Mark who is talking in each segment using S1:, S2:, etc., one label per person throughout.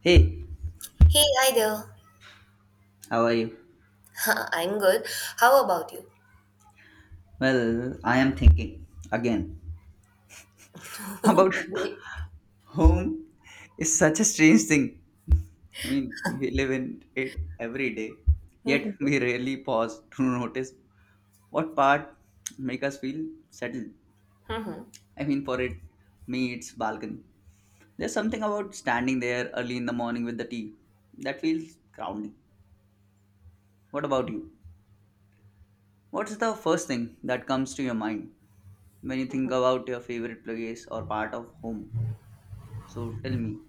S1: Hey,
S2: Hey, hi there.
S1: how are you?
S2: I'm good. How about you?
S1: Well, I am thinking again about
S2: Great.
S1: home is such a strange thing. I mean, we live in it every day, yet
S2: Mm-hmm.
S1: we rarely pause to notice what part make us feel settled. I mean, me, it's balcony. There's something about standing there early in the morning with the tea that feels grounding. What about you? What's the first thing that comes to your mind when you think about your favorite place or part of home? So tell me,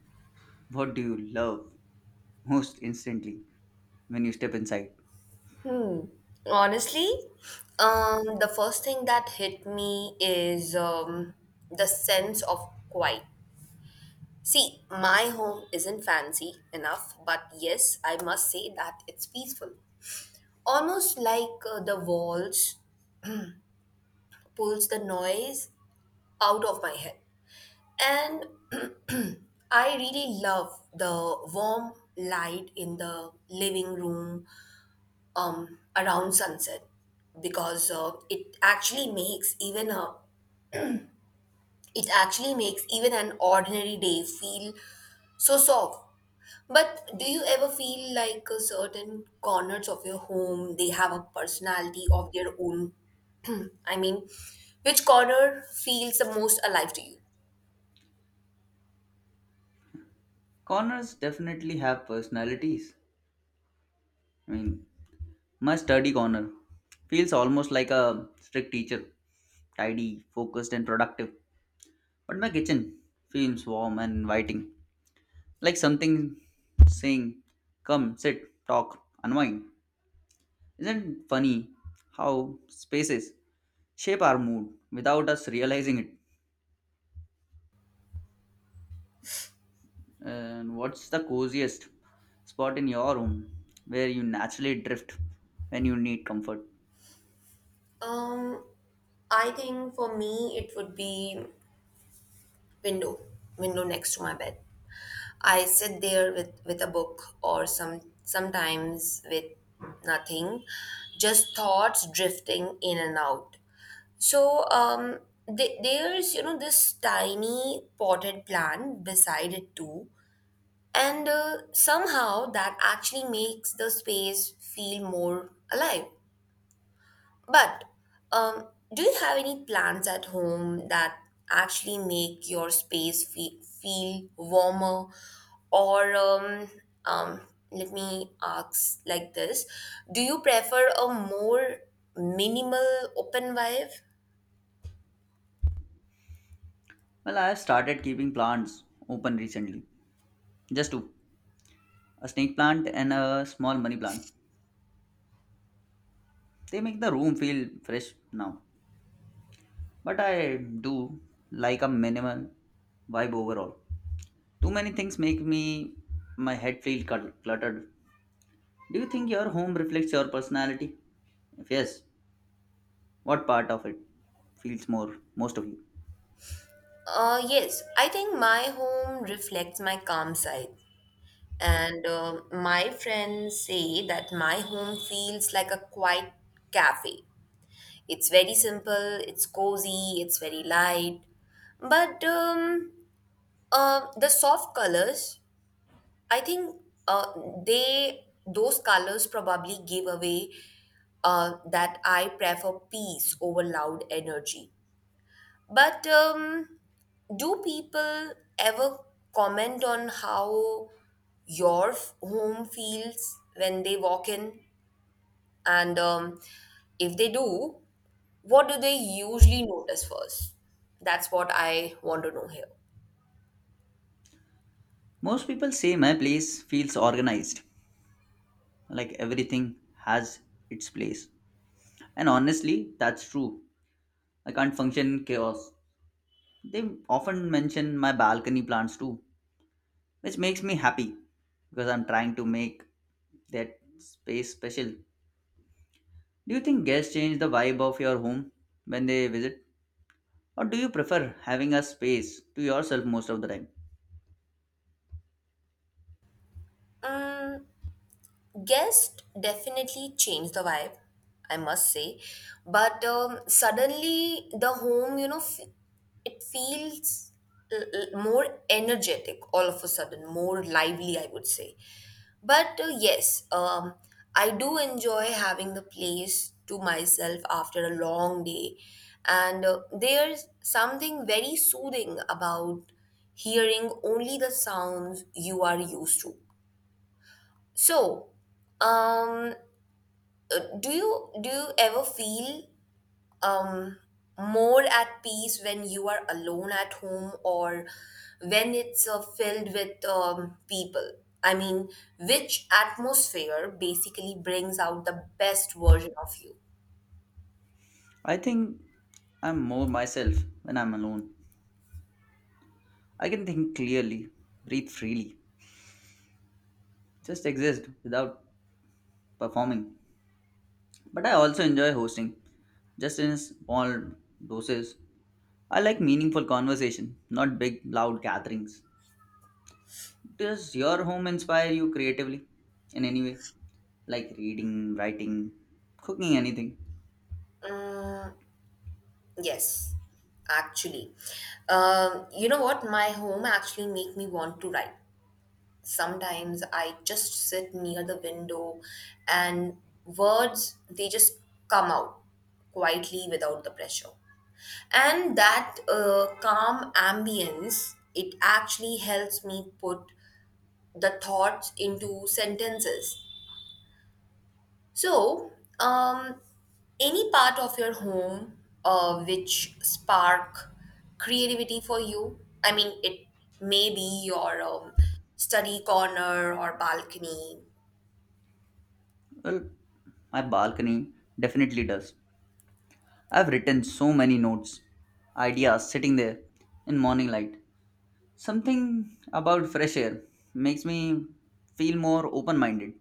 S1: what do you love most instantly when you step inside?
S2: Hmm. Honestly, the first thing that hit me is the sense of quiet. See, my home isn't fancy enough, but yes, I must say that it's peaceful. Almost like the walls pulls the noise out of my head. And I really love the warm light in the living room around sunset because it actually makes even an ordinary day feel so soft. But do you ever feel like a certain corners of your home they have a personality of their own? I mean, which corner feels the most alive to you?
S1: Corners definitely have personalities. I mean, my study corner feels almost like a strict teacher, tidy, focused, and productive. But my kitchen feels warm and inviting, like something saying, "Come, sit, talk, unwind." Isn't it funny how spaces shape our mood without us realizing it? And what's the coziest spot in your room where you naturally drift when you need comfort?
S2: Um, I think for me it would be window, window next to my bed. I sit there with a book or sometimes with nothing, just thoughts drifting in and out. So there's, you know, this tiny potted plant beside it too, and somehow that actually makes the space feel more alive. But um, do you have any plants at home that actually make your space feel warmer? Or um, Let me ask like this: do you prefer a more minimal open vibe?
S1: Well, I have started keeping plants open recently. Just two, a snake plant and a small money plant. They make the room feel fresh now. But I do like a minimal vibe overall. Too many things make me my head feel cluttered. Do you think your home reflects your personality? If yes, what part of it feels more most of you?
S2: Yes, I think my home reflects my calm side. And my friends say that my home feels like a quiet cafe. It's very simple, it's cozy, it's very light. But the soft colors, I think uh, they those colors probably give away that I prefer peace over loud energy. But do people ever comment on how your home feels when they walk in? And if they do, what do they usually notice first? That's what I want to know here.
S1: Most people say my place feels organized, like everything has its place. And honestly, that's true. I can't function in chaos. They often mention my balcony plants too, which makes me happy because I'm trying to make that space special. Do you think guests change the vibe of your home when they visit? Or do you prefer having a space to yourself most of the time?
S2: Mm, guest definitely changed the vibe, I must say. But suddenly the home, you know, it feels more energetic all of a sudden, more lively, I would say. But yes, I do enjoy having the place to myself after a long day. And there's something very soothing about hearing only the sounds you are used to. So, um, do you ever feel um more at peace when you are alone at home or when it's filled with people? I mean, which atmosphere basically brings out the best version of you?
S1: I think I'm more myself when I'm alone. I can think clearly, breathe freely, just exist without performing. But I also enjoy hosting, just in small doses. I like meaningful conversation, not big, loud gatherings. Does your home inspire you creatively in any way? Like reading, writing, cooking, anything?
S2: Mm, yes, actually. You know what? My home actually make me want to write. Sometimes I just sit near the window and words they just come out quietly without the pressure, and that calm ambience it actually helps me put the thoughts into sentences. So um, any part of your home which spark creativity for you? I mean, it may be your study corner or balcony.
S1: Well, my balcony definitely does. I've written so many notes, ideas sitting there in morning light. Something about fresh air makes me feel more open minded.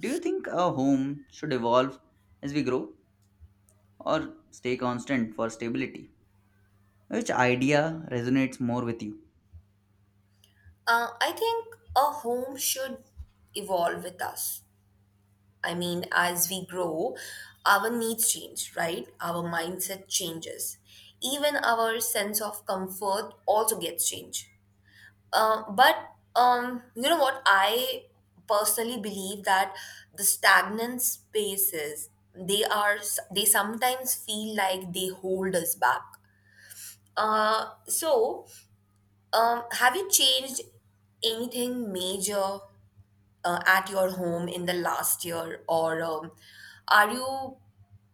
S1: Do you think a home should evolve as we grow or stay constant for stability? Which idea resonates more with you?
S2: I think a home should evolve with us. I mean, as we grow, our needs change, right? Our mindset changes. Even our sense of comfort also gets changed. But you know what? I personally believe that the stagnant spaces they are they sometimes feel like they hold us back. So have you changed anything major at your home in the last year, or are you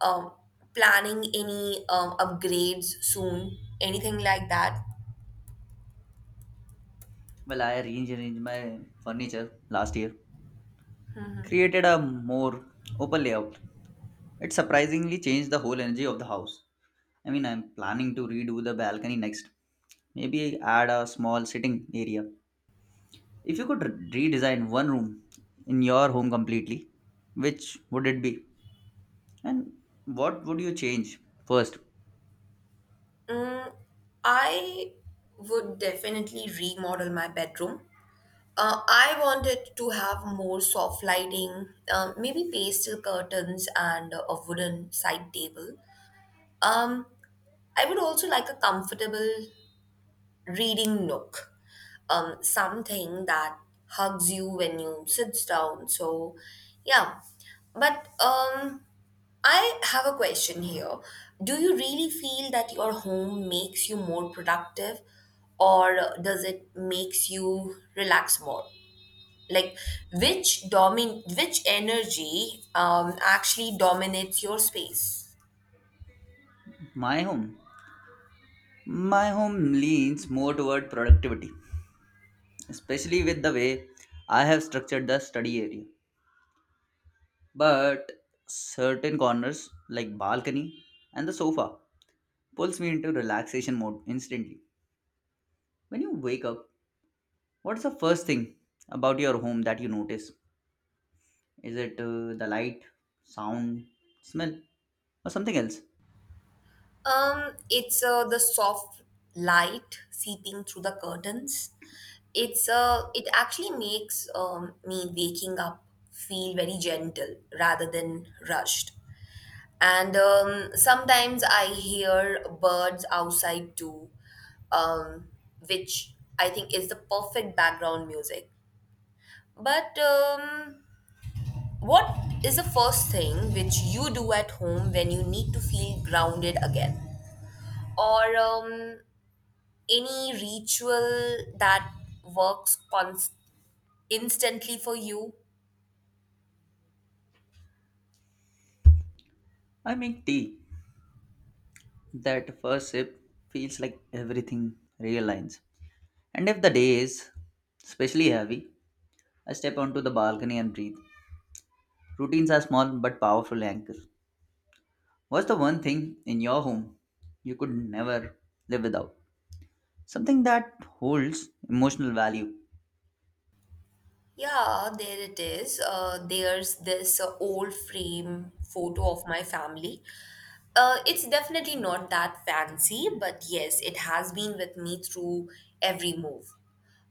S2: um, planning any upgrades soon? Anything like that?
S1: Well, I rearranged my furniture last year, created a more open layout. It surprisingly changed the whole energy of the house. I mean, I'm planning to redo the balcony next. Maybe add a small sitting area. If you could redesign one room in your home completely, which would it be? And what would you change first?
S2: Mm, I would definitely remodel my bedroom. I wanted to have more soft lighting, maybe pastel curtains and a wooden side table. Um, I would also like a comfortable reading nook, something that hugs you when you sit down. So, yeah. But I have a question here. Do you really feel that your home makes you more productive, or does it makes you relax more? Like which energy actually dominates your space?
S1: My home. My home leans more toward productivity, especially with the way I have structured the study area. But certain corners like balcony and the sofa pulls me into relaxation mode instantly. When you wake up, what's the first thing about your home that you notice? Is it the light, sound, smell, or something else?
S2: It's the soft light seeping through the curtains. It's it actually makes me waking up feel very gentle rather than rushed. And sometimes I hear birds outside too, um, which I think is the perfect background music. But what is the first thing which you do at home when you need to feel grounded again, or any ritual that works instantly for you?
S1: I make tea. That first sip feels like everything realigns. And if the day is especially heavy, I step onto the balcony and breathe. Routines are small but powerful anchors. What's the one thing in your home you could never live without? Something that holds emotional value.
S2: Yeah, there it is. There's this old frame photo of my family. It's definitely not that fancy, but yes, it has been with me through every move.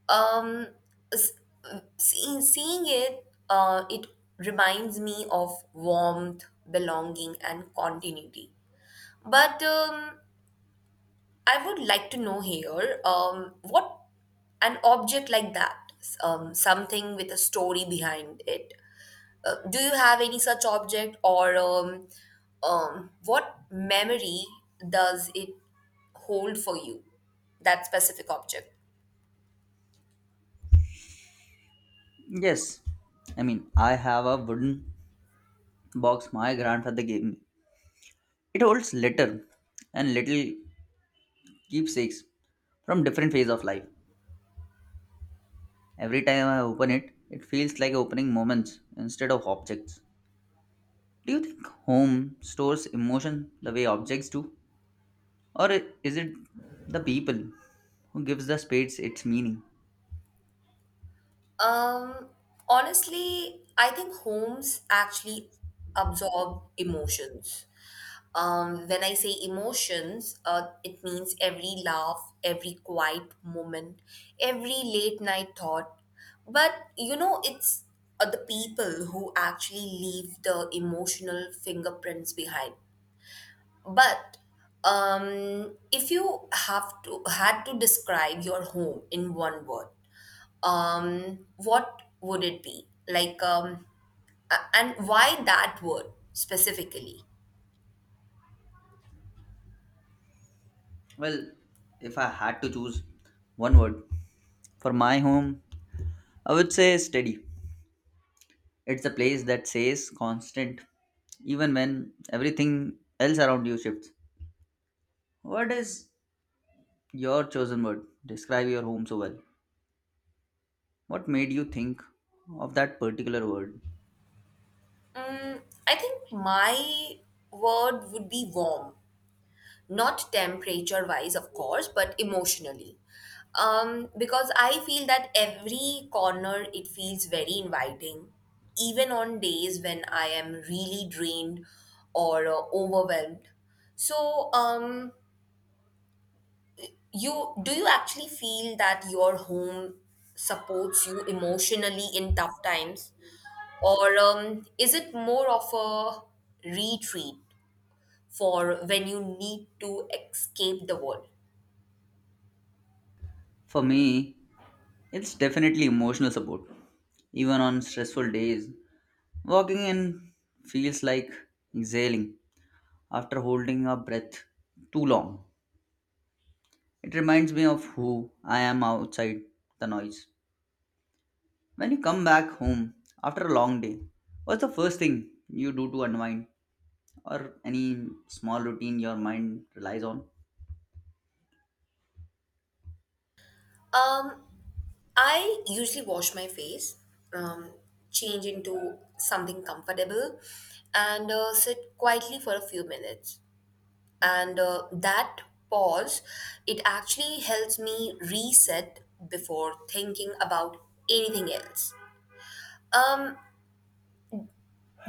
S2: Um, s- Seeing it, it reminds me of warmth, belonging, and continuity. But I would like to know here, what an object like that, something with a story behind it, do you have any such object, or what memory does it hold for you? That specific object.
S1: Yes, I mean, I have a wooden box my grandfather gave me. It holds letter and little keepsakes from different phase of life. Every time I open it, it feels like opening moments instead of objects. Do you think home stores emotion the way objects do? Or is it the people who gives the spades its meaning?
S2: Um, Honestly, I think homes actually absorb emotions. When I say emotions, it means every laugh, every quiet moment, every late night thought. But you know, it's the people who actually leave the emotional fingerprints behind. But if you have to had to describe your home in one word, what would it be? Like, and why that word specifically?
S1: Well, if I had to choose one word for my home, I would say steady. It's a place that says constant even when everything else around you shifts. What is your chosen word describe your home so well? What made you think of that particular word?
S2: Mm, I think my word would be warm, not temperature wise, of course, but emotionally. Because I feel that every corner it feels very inviting, even on days when I am really drained or overwhelmed. So, you do you actually feel that your home supports you emotionally in tough times, or is it more of a retreat for when you need to escape the world?
S1: For me, it's definitely emotional support. Even on stressful days, walking in feels like exhaling after holding a breath too long. It reminds me of who I am outside the noise. When you come back home after a long day, what's the first thing you do to unwind, or any small routine your mind relies on?
S2: Um, I usually wash my face, um, change into something comfortable, and sit quietly for a few minutes. And that pause, it actually helps me reset before thinking about anything else. Um,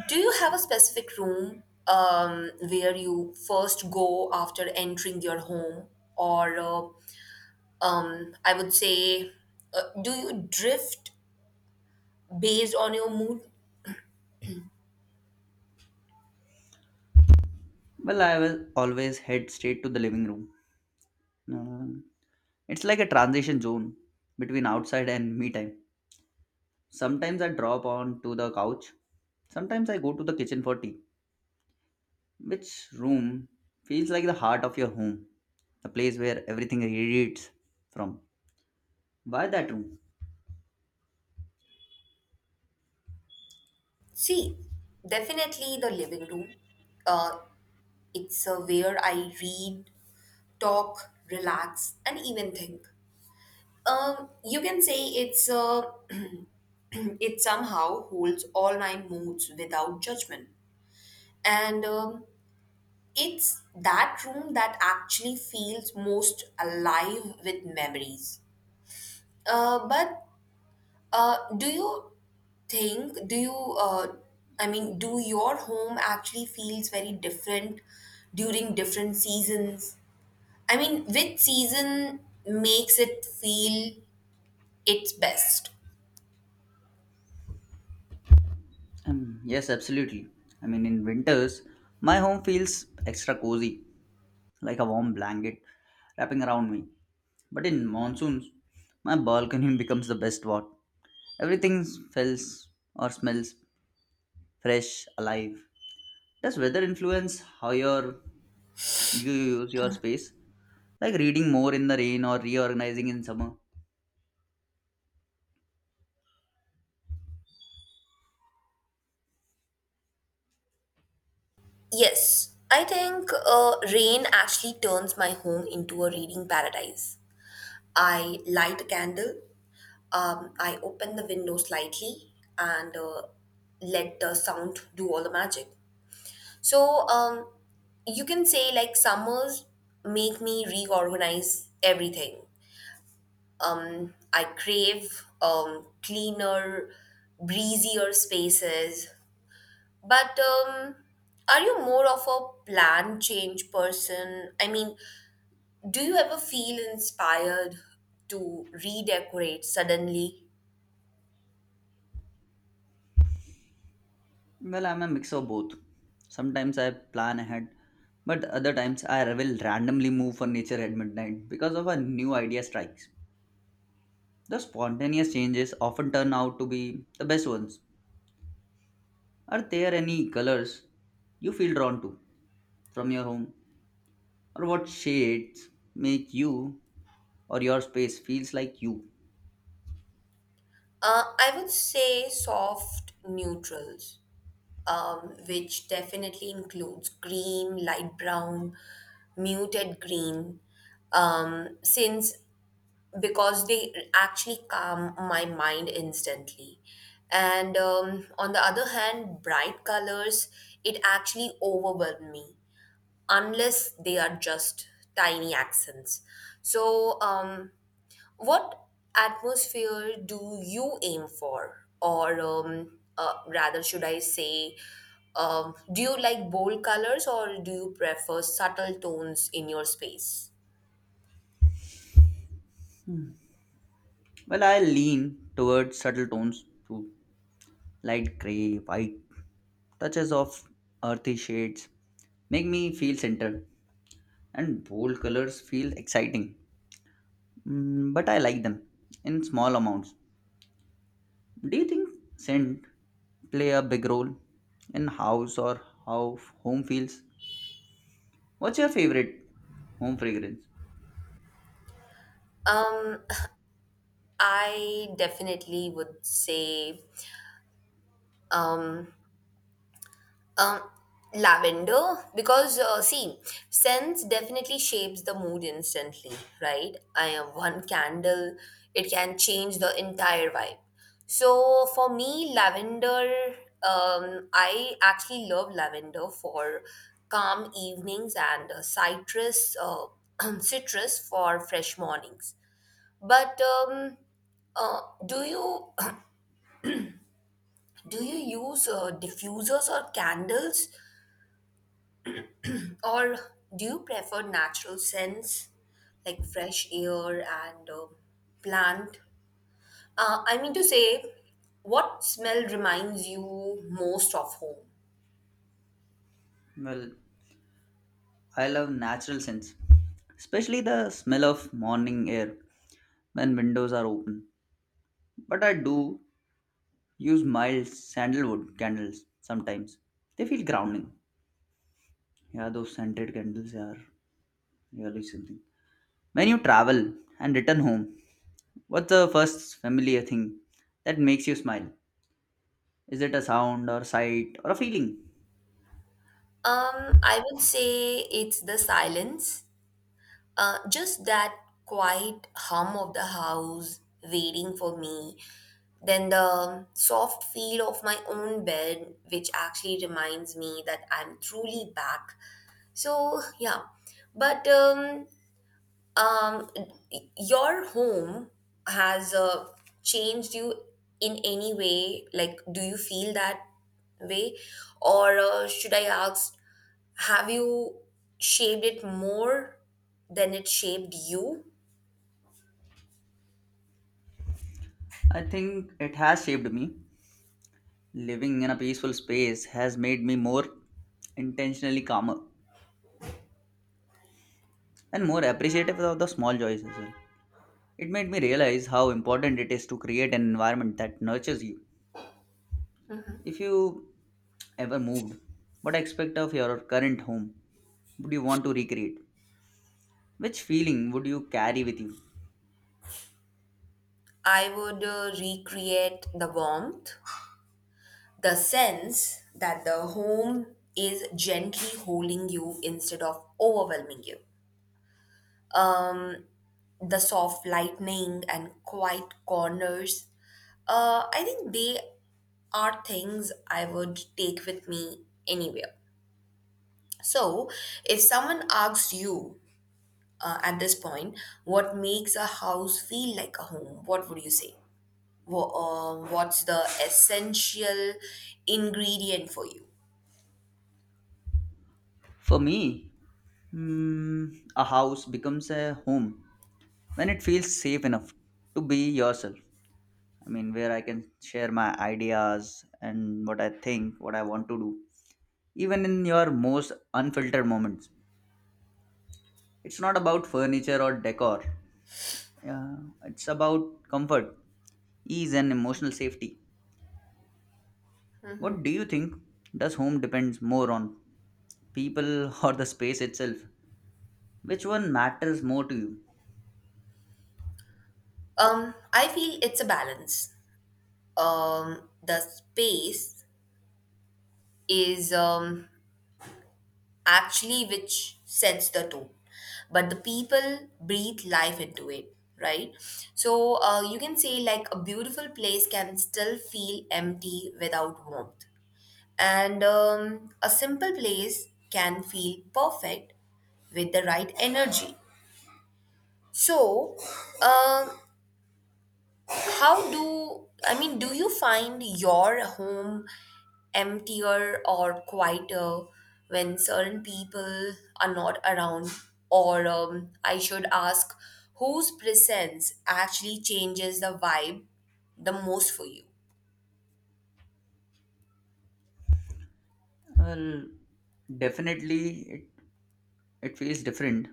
S2: do you have a specific room where you first go after entering your home, or I would say, do you drift based on your mood?
S1: Well, I will always head straight to the living room. Um, it's like a transition zone between outside and me time. Sometimes I drop on to the couch. Sometimes I go to the kitchen for tea. Which room feels like the heart of your home, the place where everything radiates from? Why that room?
S2: See, definitely the living room. Uh, it's where I read, talk, relax, and even think. You can say it's it somehow holds all my moods without judgment, and it's that room that actually feels most alive with memories. But do you think, I mean, do your home actually feels very different during different seasons? I mean, which season makes it feel its best?
S1: Yes, absolutely. I mean, in winters, my home feels extra cozy, like a warm blanket wrapping around me. But in monsoons, my balcony becomes the best spot. Everything smells fresh, alive. Does weather influence how you use your space? Like reading more in the rain or reorganizing in summer?
S2: Yes, I think rain actually turns my home into a reading paradise. I light a candle, I open the window slightly, and let the sound do all the magic. So you can say like summers make me reorganize everything. I crave cleaner, breezier spaces. But are you more of a plan change person? I mean, do you ever feel inspired to redecorate suddenly?
S1: Well, I'm a mix of both. Sometimes I plan ahead, but other times I will randomly move furniture at midnight because of a new idea strikes. The spontaneous changes often turn out to be the best ones. Are there any colors you feel drawn to from your home, or what shades make you or your space feels like you?
S2: I would say soft neutrals, which definitely includes cream, light brown, muted green, since because they actually calm my mind instantly. And on the other hand, bright colors, it actually overwhelm me unless they are just tiny accents. So, what atmosphere do you aim for? Or rather, should I say, do you like bold colors or do you prefer subtle tones in your space?
S1: Hmm. Well, I lean towards subtle tones too, light gray, white, touches of earthy shades make me feel centered, and bold colors feel exciting, but I like them in small amounts. Do you think scent play a big role in house or how home feels? What's your favorite home fragrance?
S2: Um, I definitely would say um, Um, lavender, because see, scents definitely shapes the mood instantly, right? I have one candle, it can change the entire vibe. So for me, lavender, I actually love lavender for calm evenings, and citrus for fresh mornings. But do you do you use diffusers or candles? Or do you prefer natural scents like fresh air and plant? I mean to say, what smell reminds you most of home?
S1: Well, I love natural scents, especially the smell of morning air when windows are open. But I do use mild sandalwood candles sometimes. They feel grounding. Yeah, those scented candles are really something. When you travel and return home, what's the first familiar thing that makes you smile? Is it a sound or sight or a feeling?
S2: I would say it's the silence, just that quiet hum of the house waiting for me, then the soft feel of my own bed, which actually reminds me that I'm truly back. So, yeah, but um your home has changed you in any way? Like, do you feel that way, or should I ask, have you shaped it more than it shaped you?
S1: I think it has shaped me. Living in a peaceful space has made me more intentionally calmer and more appreciative of the small joys as well. It made me realize how important it is to create an environment that nurtures you. If you ever moved, what aspect of your current home would you want to recreate? Which feeling would you carry with you?
S2: I would recreate the warmth, the sense that the home is gently holding you instead of overwhelming you, um the soft lightning and quiet corners. I think they are things I would take with me anywhere. So, if someone asks you at this point, what makes a house feel like a home, what would you say? What's the essential ingredient for you?
S1: For me, Hmm, a house becomes a home when it feels safe enough to be yourself. I mean, where I can share my ideas and what I think, what I want to do, even in your most unfiltered moments. It's not about furniture or decor, uh, it's about comfort, ease, and emotional safety. What do you think? Does home depends more on people or the space itself? Which one matters more to you?
S2: I feel it's a balance. The space is actually which sets the tone, but the people breathe life into it, right? So you can say like a beautiful place can still feel empty without warmth, and a simple place can feel perfect with the right energy. So um how do, I mean, do you find your home emptier or quieter when certain people are not around, or I should ask, whose presence actually changes the vibe the most for you?
S1: Well, definitely it feels different.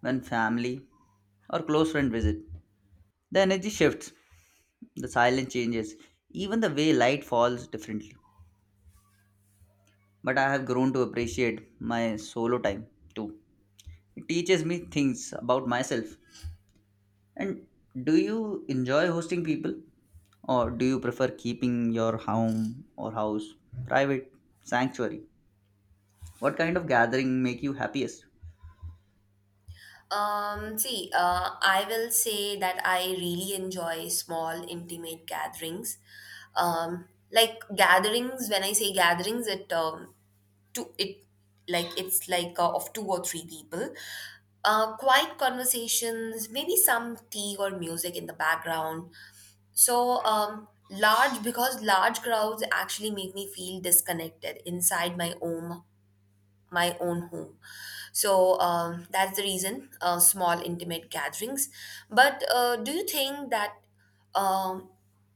S1: When family or close friend visit, the energy shifts, the silence changes, even the way light falls differently. But I have grown to appreciate my solo time too. It teaches me things about myself. And do you enjoy hosting people? Or do you prefer keeping your home or house private sanctuary? What kind of gathering make you happiest?
S2: See, I will say that I really enjoy small, intimate gatherings. Like gatherings, when I say gatherings, it two it like it's like of two or three people, quiet conversations, maybe some tea or music in the background. So large, because large crowds actually make me feel disconnected inside my own home. So that's the reason, small intimate gatherings. But do you think that um,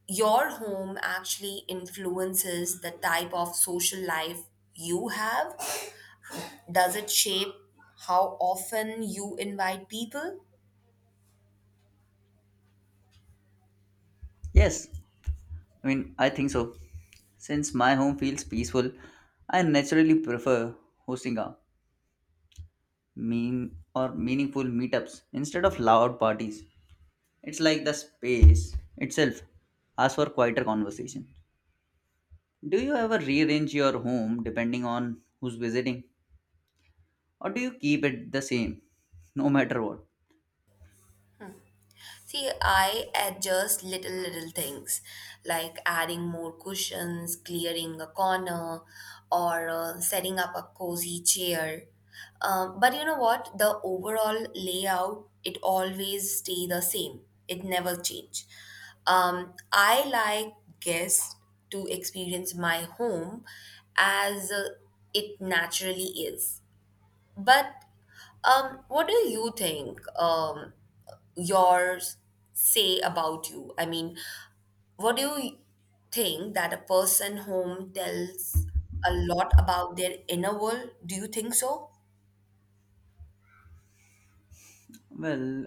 S2: your home actually influences the type of social life you have? Does it shape how often you invite people?
S1: Yes, I mean, I think so. Since my home feels peaceful, I naturally prefer hosting a mean or meaningful meetups instead of loud parties. It's like the space itself asks for quieter conversation. Do you ever rearrange your home depending on who's visiting, or do you keep it the same no matter what?
S2: See, I adjust little things like adding more cushions, clearing a corner, or setting up a cozy chair. But you know what? The overall layout, it always stay the same. It never change. I like guests to experience my home as it naturally is. But what do you think yours say about you? I mean, what do you think that a person home tells a lot about their inner world? Do you think so?
S1: Well,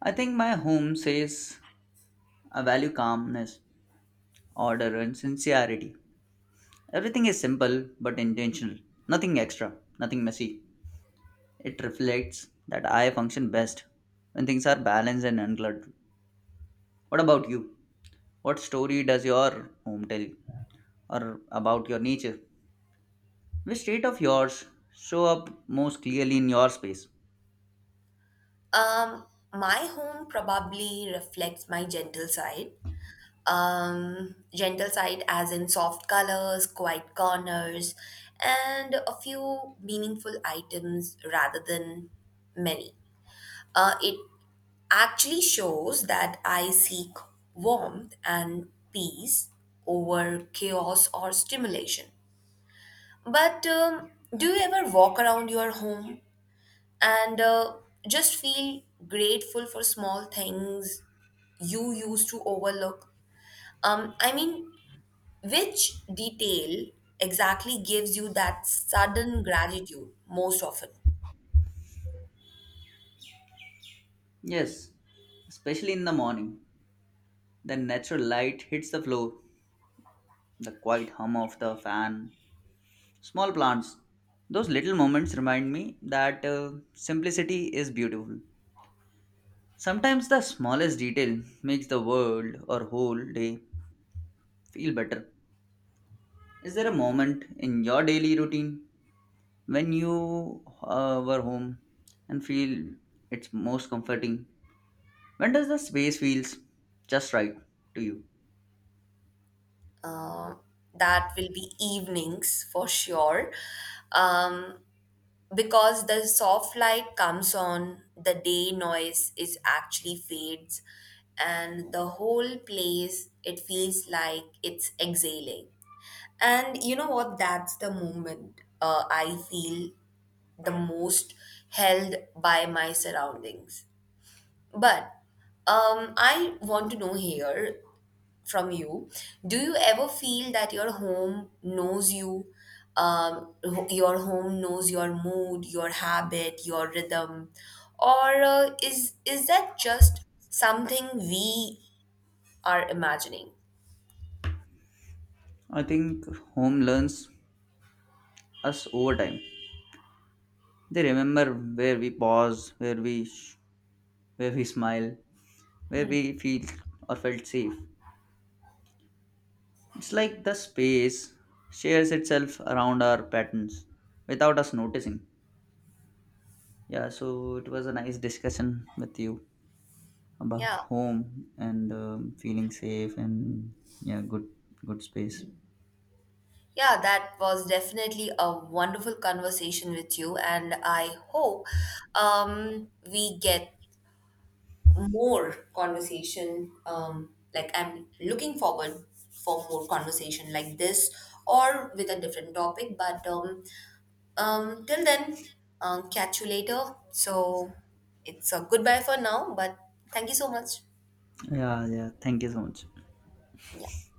S1: I think my home says I value calmness, order, and sincerity. Everything is simple but intentional, nothing extra, nothing messy. It reflects that I function best when things are balanced and uncluttered. What about you? What story does your home tell you? Or about your nature? Which state of yours show up most clearly in your space?
S2: Um, my home probably reflects my gentle side. Gentle side as in soft colors, quiet corners, and a few meaningful items rather than many. It actually shows that I seek warmth and peace over chaos or stimulation. But do you ever walk around your home and just feel grateful for small things you used to overlook? I mean, which detail exactly gives you that sudden gratitude most often?
S1: Yes, especially in the morning. The natural light hits the floor, the quiet hum of the fan, small plants. Those little moments remind me that simplicity is beautiful. Sometimes the smallest detail makes the world or whole day feel better. Is there a moment in your daily routine when you were home and feel it's most comforting? When does the space feels just right to you?
S2: That will be evenings for sure. Um, because the soft light comes on, the day noise is actually fades, and the whole place it feels like it's exhaling. And you know what? That's the moment I feel the most held by my surroundings. But I want to know here from you. Do you ever feel that your home knows you? Your home knows your mood, your habit, your rhythm, or is that just something we are imagining?
S1: I think home learns us over time. They remember where we pause, where we smile, where we feel or felt safe. It's like the space shares itself around our patterns without us noticing. Yeah, so it was a nice discussion with you about
S2: Yeah,
S1: home and feeling safe and yeah, good space.
S2: yeah, that was definitely a wonderful conversation with you, and I hope we get more conversation, like, I'm looking forward for more conversation like this or with a different topic. But till then, catch you later. So it's a goodbye for now, but thank you so much.
S1: Yeah, yeah. Thank you so much.
S2: Yeah.